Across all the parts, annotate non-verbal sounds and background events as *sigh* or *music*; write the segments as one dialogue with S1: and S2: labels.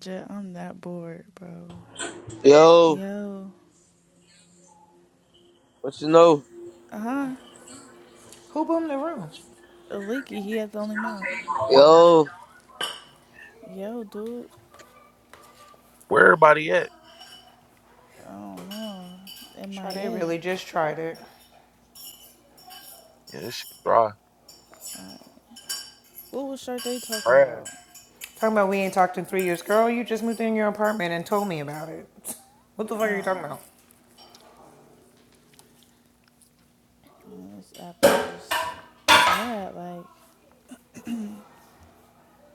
S1: J- I'm that bored, bro.
S2: Yo,
S1: Yo,
S2: what you know?
S1: uh huh.
S3: Who boomed the room?
S1: Leaky, he had the only mom.
S2: Yo,
S1: Yo, dude.
S4: Where everybody at?
S1: I don't know.
S3: Sade
S1: MIA.
S3: really just tried it.
S4: Yeah, this shit dry.
S1: Alright. What was Sharday talking
S4: Trash.
S1: about?
S3: Talking about we ain't talked in three years. Girl, you just moved in your apartment and told me about it. *laughs* What the fuck are you talking
S1: Oh,
S3: about?
S1: man, this app is just sad. Like,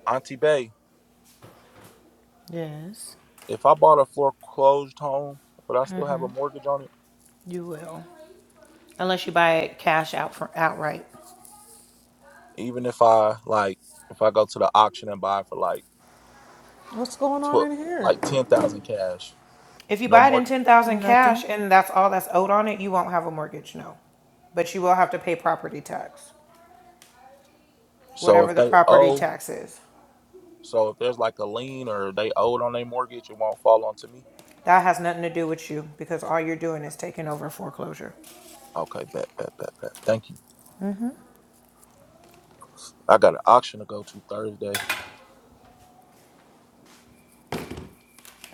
S4: Auntie Bay,
S3: Yes,
S4: if I bought a foreclosed home, would I still have a mortgage on it?
S3: you will. Unless you buy it cash out for outright.
S4: Even if I like, if I go to the auction and buy for like
S5: What's going on
S4: twelve,
S5: in here?
S4: like ten thousand cash,
S3: If you
S4: no
S3: buy it in
S4: mortgage.
S3: 10000 cash
S1: nothing.
S3: and that's all that's owed on it, you won't have a mortgage, no. But you will have to pay property tax,
S4: So if
S3: whatever the
S4: they
S3: property
S4: owe,
S3: tax is.
S4: so if there's like a lien or they owed on their mortgage, it won't fall onto me.
S3: That has nothing to do with you because all you're doing is taking over foreclosure.
S4: Okay, bet, bet, bet, bet. Thank you. I got an auction to go to Thursday.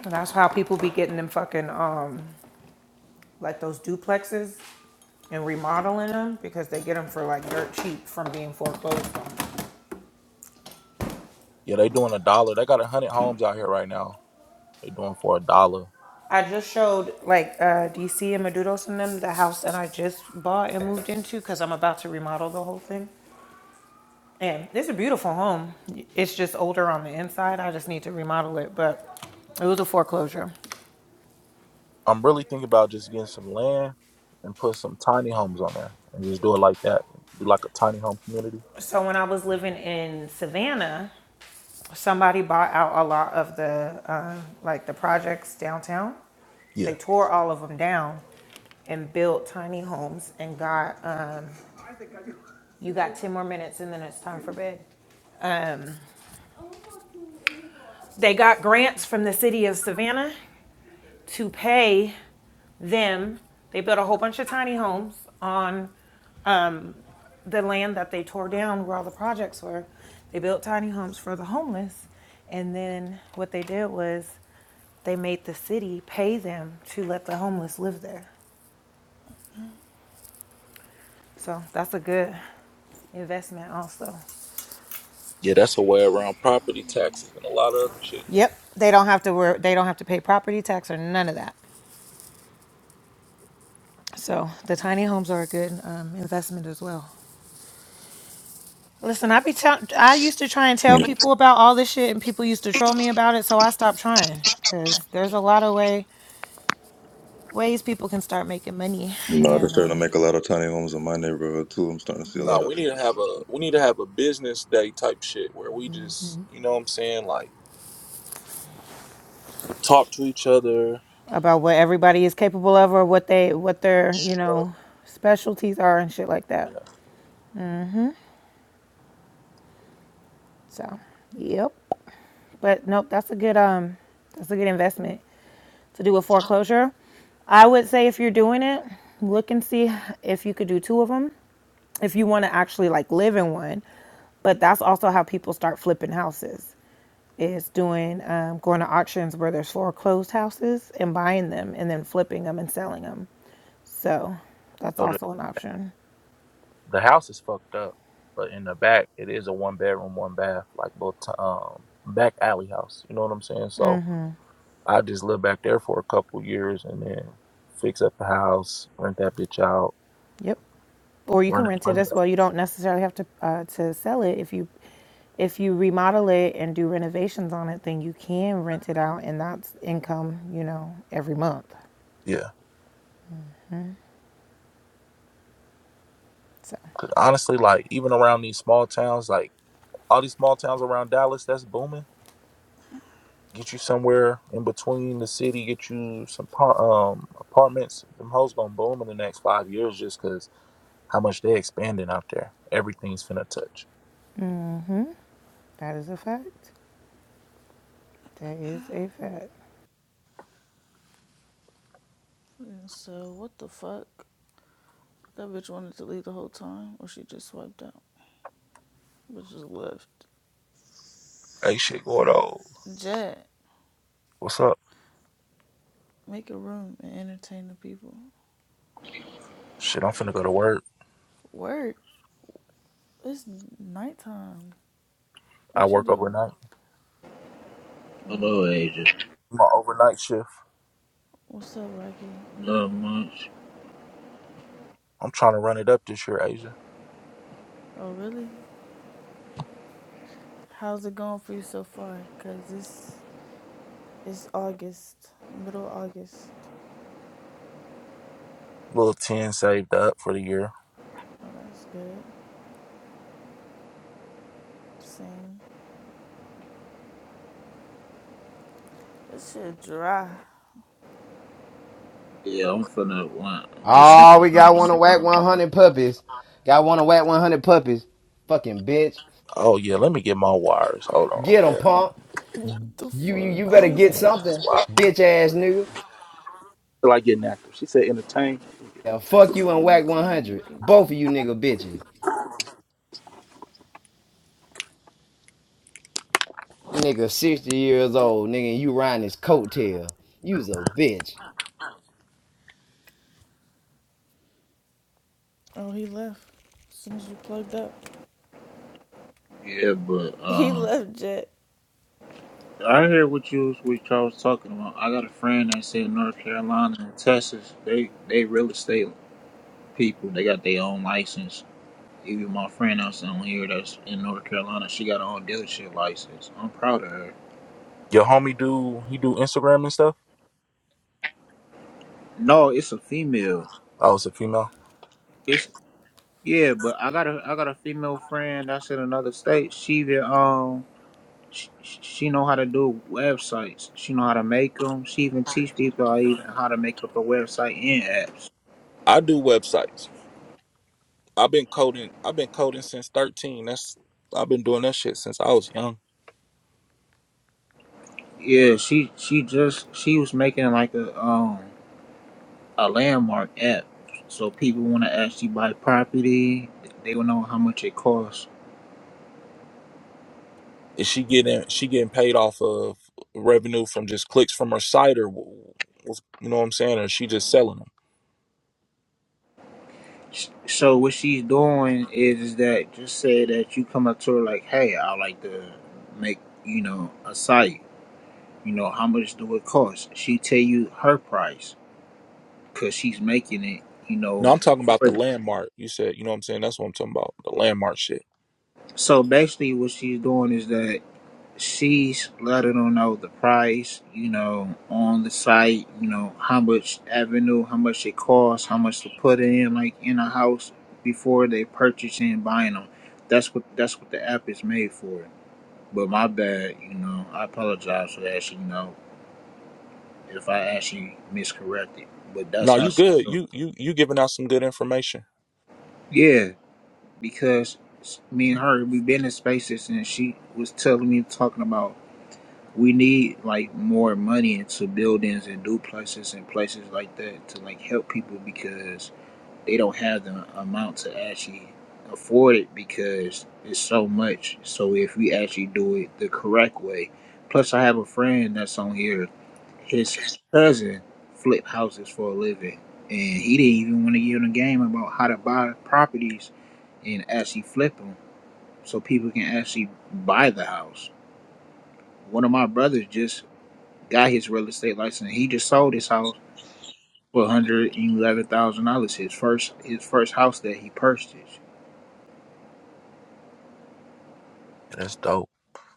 S3: And that's how people be getting them fucking, um, like those duplexes. and remodeling them because they get them for like dirt cheap from being foreclosed on.
S4: Yeah, they doing a dollar. They got a hundred homes out here right now. They doing for a dollar.
S3: I just showed like uh, DC and Madudos and them the house that I just bought and moved into because I'm about to remodel the whole thing. And it's a beautiful home. It's just older on the inside. I just need to remodel it, but it was a foreclosure.
S4: I'm really thinking about just getting some land and put some tiny homes on there and just do it like that. Do like a tiny home community.
S3: So when I was living in Savannah, somebody bought out a lot of the uh, like the projects downtown.
S4: Yeah.
S3: They tore all of them down and built tiny homes and got um, you got 10 more minutes and then it's time for bed. They got grants from the city of Savannah to pay them. They built a whole bunch of tiny homes on the land that they tore down where all the projects were, they built tiny homes for the homeless. And then what they did was they made the city pay them to let the homeless live there. So that's a good investment also.
S4: Yeah, that's a way around property taxes and a lot of other shit.
S3: Yep, they don't have to work. They don't have to pay property tax or none of that. So the tiny homes are a good um, investment as well. Listen, I be tell- I used to try and
S6: No,
S3: tell people about all this shit, and people used to troll me about it. So I stopped trying because there's a lot of way. ways people can start making money
S6: they're
S3: and
S6: starting
S3: uh,
S6: to make a lot of tiny homes in my neighborhood too. I'm starting to see a
S4: Nah,
S3: yeah
S6: lot of
S4: we need to have
S6: infrastructure.
S4: a we need to have a business day type shit where we just you know what I'm saying, like talk to each other.
S3: about what everybody is capable of or what they what their you
S4: Uh,
S3: know specialties are and shit like that
S4: yeah.
S3: so yep but nope that's a good um that's a good investment to do a foreclosure i would say if you're doing it look and see if you could do two of them if you want to actually like live in one but that's also how people start flipping houses is doing um, going to auctions where there's foreclosed houses and buying them and then flipping them and selling them. So that's
S4: So the,
S3: also an option.
S4: the house is fucked up, but in the back it is a one bedroom, one bath, like little t- um back alley house. You know what I'm saying? So I just lived back there for a couple years and then fix up the house, rent that bitch out,
S3: Yep. Or you
S4: run
S3: can
S4: it,
S3: rent it
S4: run it
S3: as
S4: up.
S3: well. You don't necessarily have to uh, to sell it if you if you remodel it and do renovations on it, then you can rent it out and that's income, you know, every month.
S4: Yeah.
S3: So
S4: 'Cause honestly, like even around these small towns, like all these small towns around Dallas, that's booming. Get you somewhere in between the city, get you some par- um apartments. Them hoes gonna boom in the next five years just 'cause how much they expanding out there. Everything's finna touch.
S3: that is a fact. That is a fact.
S1: And so, what the fuck? That bitch wanted to leave the whole time, or she just swiped out, but just left.
S4: Hey, shit, Gordo.
S1: Jet,
S4: What's up?
S1: make a room and entertain the people.
S4: Shit, I'm finna go to work.
S1: Work. It's nighttime.
S4: I
S1: What you
S4: work
S1: do?
S4: overnight.
S1: Mm.
S7: Hello, agent.
S4: My overnight shift.
S1: What's up, Rocky?
S7: Not much.
S4: I'm trying to run it up this year, Asia.
S1: Oh, really? How's it going for you so far? Cause it's it's August, middle August.
S4: little 10 saved up for the year.
S1: Oh, that's good. Same. This shit dry.
S7: Yeah, I'm finna want December
S8: Oh, we got
S7: time. I'm
S8: one of Whack 100 puppies. Got one of Whack 100 puppies. Fucking bitch.
S4: Oh, yeah, let me get my wires. Hold on.
S8: Get 'em,
S4: Yeah.
S8: punk.
S1: What the
S8: You, you you
S1: fuck?
S4: Oh,
S1: Who
S8: better
S1: is
S4: yeah.
S8: get
S1: that?
S8: something,
S4: Wow.
S8: bitch ass nigga.
S4: Feel like getting active. She said entertain.
S8: Yeah, fuck you
S1: Yeah,
S8: and whack
S1: entertain the
S8: 100. Both
S1: people.
S8: of you nigga bitches. That nigga 60 years old, nigga, and you riding his coattail. You's a bitch.
S1: Oh, he left. As soon as you plugged up,
S7: fin- Yeah, but
S1: *laughs* he
S7: um,
S1: left. Jet.
S7: I hear what you was what y'all was talking about. I got a friend that's in North Carolina and Texas. They they real estate people. They got their own license. Even my friend that's on here that's in North Carolina, she got her own dealership license. I'm proud of her.
S4: Your homie do, he do Instagram and stuff?
S7: No, it's a female.
S4: Oh, it's a female?
S7: It's yeah, but I got a I got a female friend that's in another state. She the um She, she know how to do websites. She know how to make them. She even teach people how even how to make up a website and apps.
S4: I do websites. I've been coding, I've been coding since 13. That's, I've been doing that shit since I was young.
S7: Yeah, she she just she was making like a um a landmark app, so people want to actually buy property. They will know how much it costs.
S4: Is she getting, she getting paid off of revenue from just clicks from her site or, what's- you know what I'm saying? Or is she just selling them?
S7: S- So what she's doing is, is that just say that you come up to her like, hey, I like to make you know a site. You know how much do it cost? She tell you her price because she's making it, you
S4: No,
S7: know,
S4: I'm talking about
S7: for
S4: the
S7: them.
S4: landmark. You said, you know what I'm saying? That's what I'm talking about. The landmark shit.
S7: So basically, what she's doing is that she's letting them know the price, you know, on the site, you know, how much avenue, how much it costs, how much to put in, like in a house before they purchase and buying them. That's what that's what the app is made for. But my bad, you know, I apologize for that. You know, if I actually miscorrected, but that's
S4: No,
S7: how
S4: you
S7: she.
S4: good. You you you giving out some good information.
S7: Yeah. because me and her we've been in spaces and she was telling me talking about we need like more money into buildings and duplexes and places like that to like help people because they don't have the amount to actually afford it because it's so much so if we actually do it the correct way plus i have a friend that's on here his cousin flip houses for a living and he didn't even want to get in the game about how to buy properties and actually flip them so people can actually buy the house. One of my brothers just got his real estate license. He just sold his house for one hundred and eleven thousand dollars. His first his first house that he purchased.
S4: That's dope.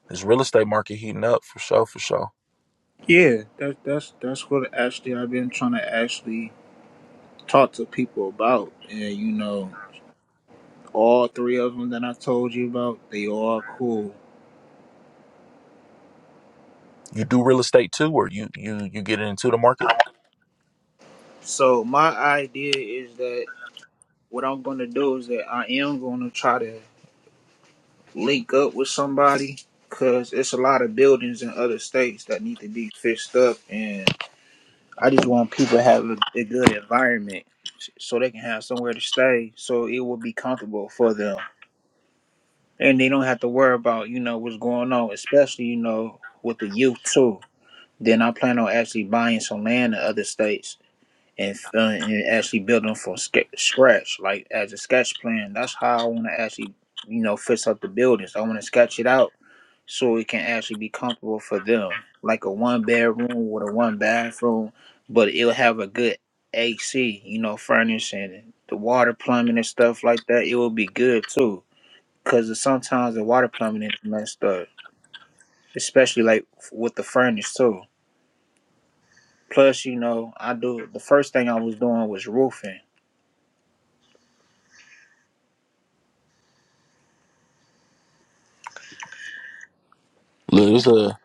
S4: This real estate market heating up for sure, for sure.
S7: Yeah, that's that's that's what actually I've been trying to actually talk to people about. And you know, all three of them that I told you about, they all cool.
S4: You do real estate too, or you you you get into the market?
S7: So my idea is that what I'm gonna do is that I am gonna try to link up with somebody because it's a lot of buildings in other states that need to be fixed up and i just want people to have a, a good environment so they can have somewhere to stay so it will be comfortable for them and they don't have to worry about you know what's going on especially you know with the youth too then i plan on actually buying some land in other states and, uh, and actually building from sca- scratch like as a sketch plan that's how i want to actually you know fix up the buildings i want to sketch it out so it can actually be comfortable for them. Like a one bedroom with a one bathroom, but it'll have a good AC, you know, furnishing, the water plumbing and stuff like that. It will be good too, because sometimes the water plumbing is messed up, especially like f- with the furnace too. Plus, you know, I do the first thing I was doing was roofing.
S4: Look, it's a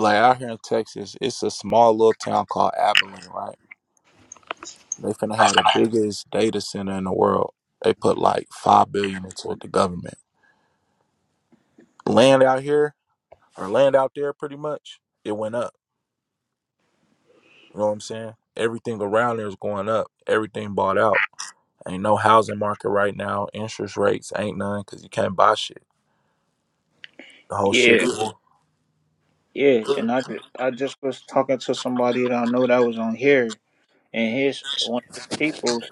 S4: like out here in Texas, it's a small little town called Abilene, right? They finna have the biggest data center in the world. They put like five billion into it, the government. Land out here or land out there pretty much, it went up. You know what I'm saying? Everything around there is going up. Everything bought out. Ain't no housing market right now. Interest rates ain't none because you can't buy shit. The whole shit. *clears throat*
S7: Yeah,
S4: full.
S7: yeah, and I ju- I just was talking to somebody that I know that was on here, and his one of his people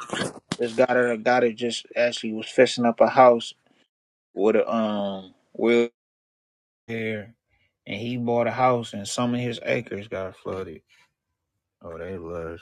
S7: This guy that got it just actually was fixing up a house with a um wheelchair, and he bought a house, and some of his acres got flooded. Oh, they was.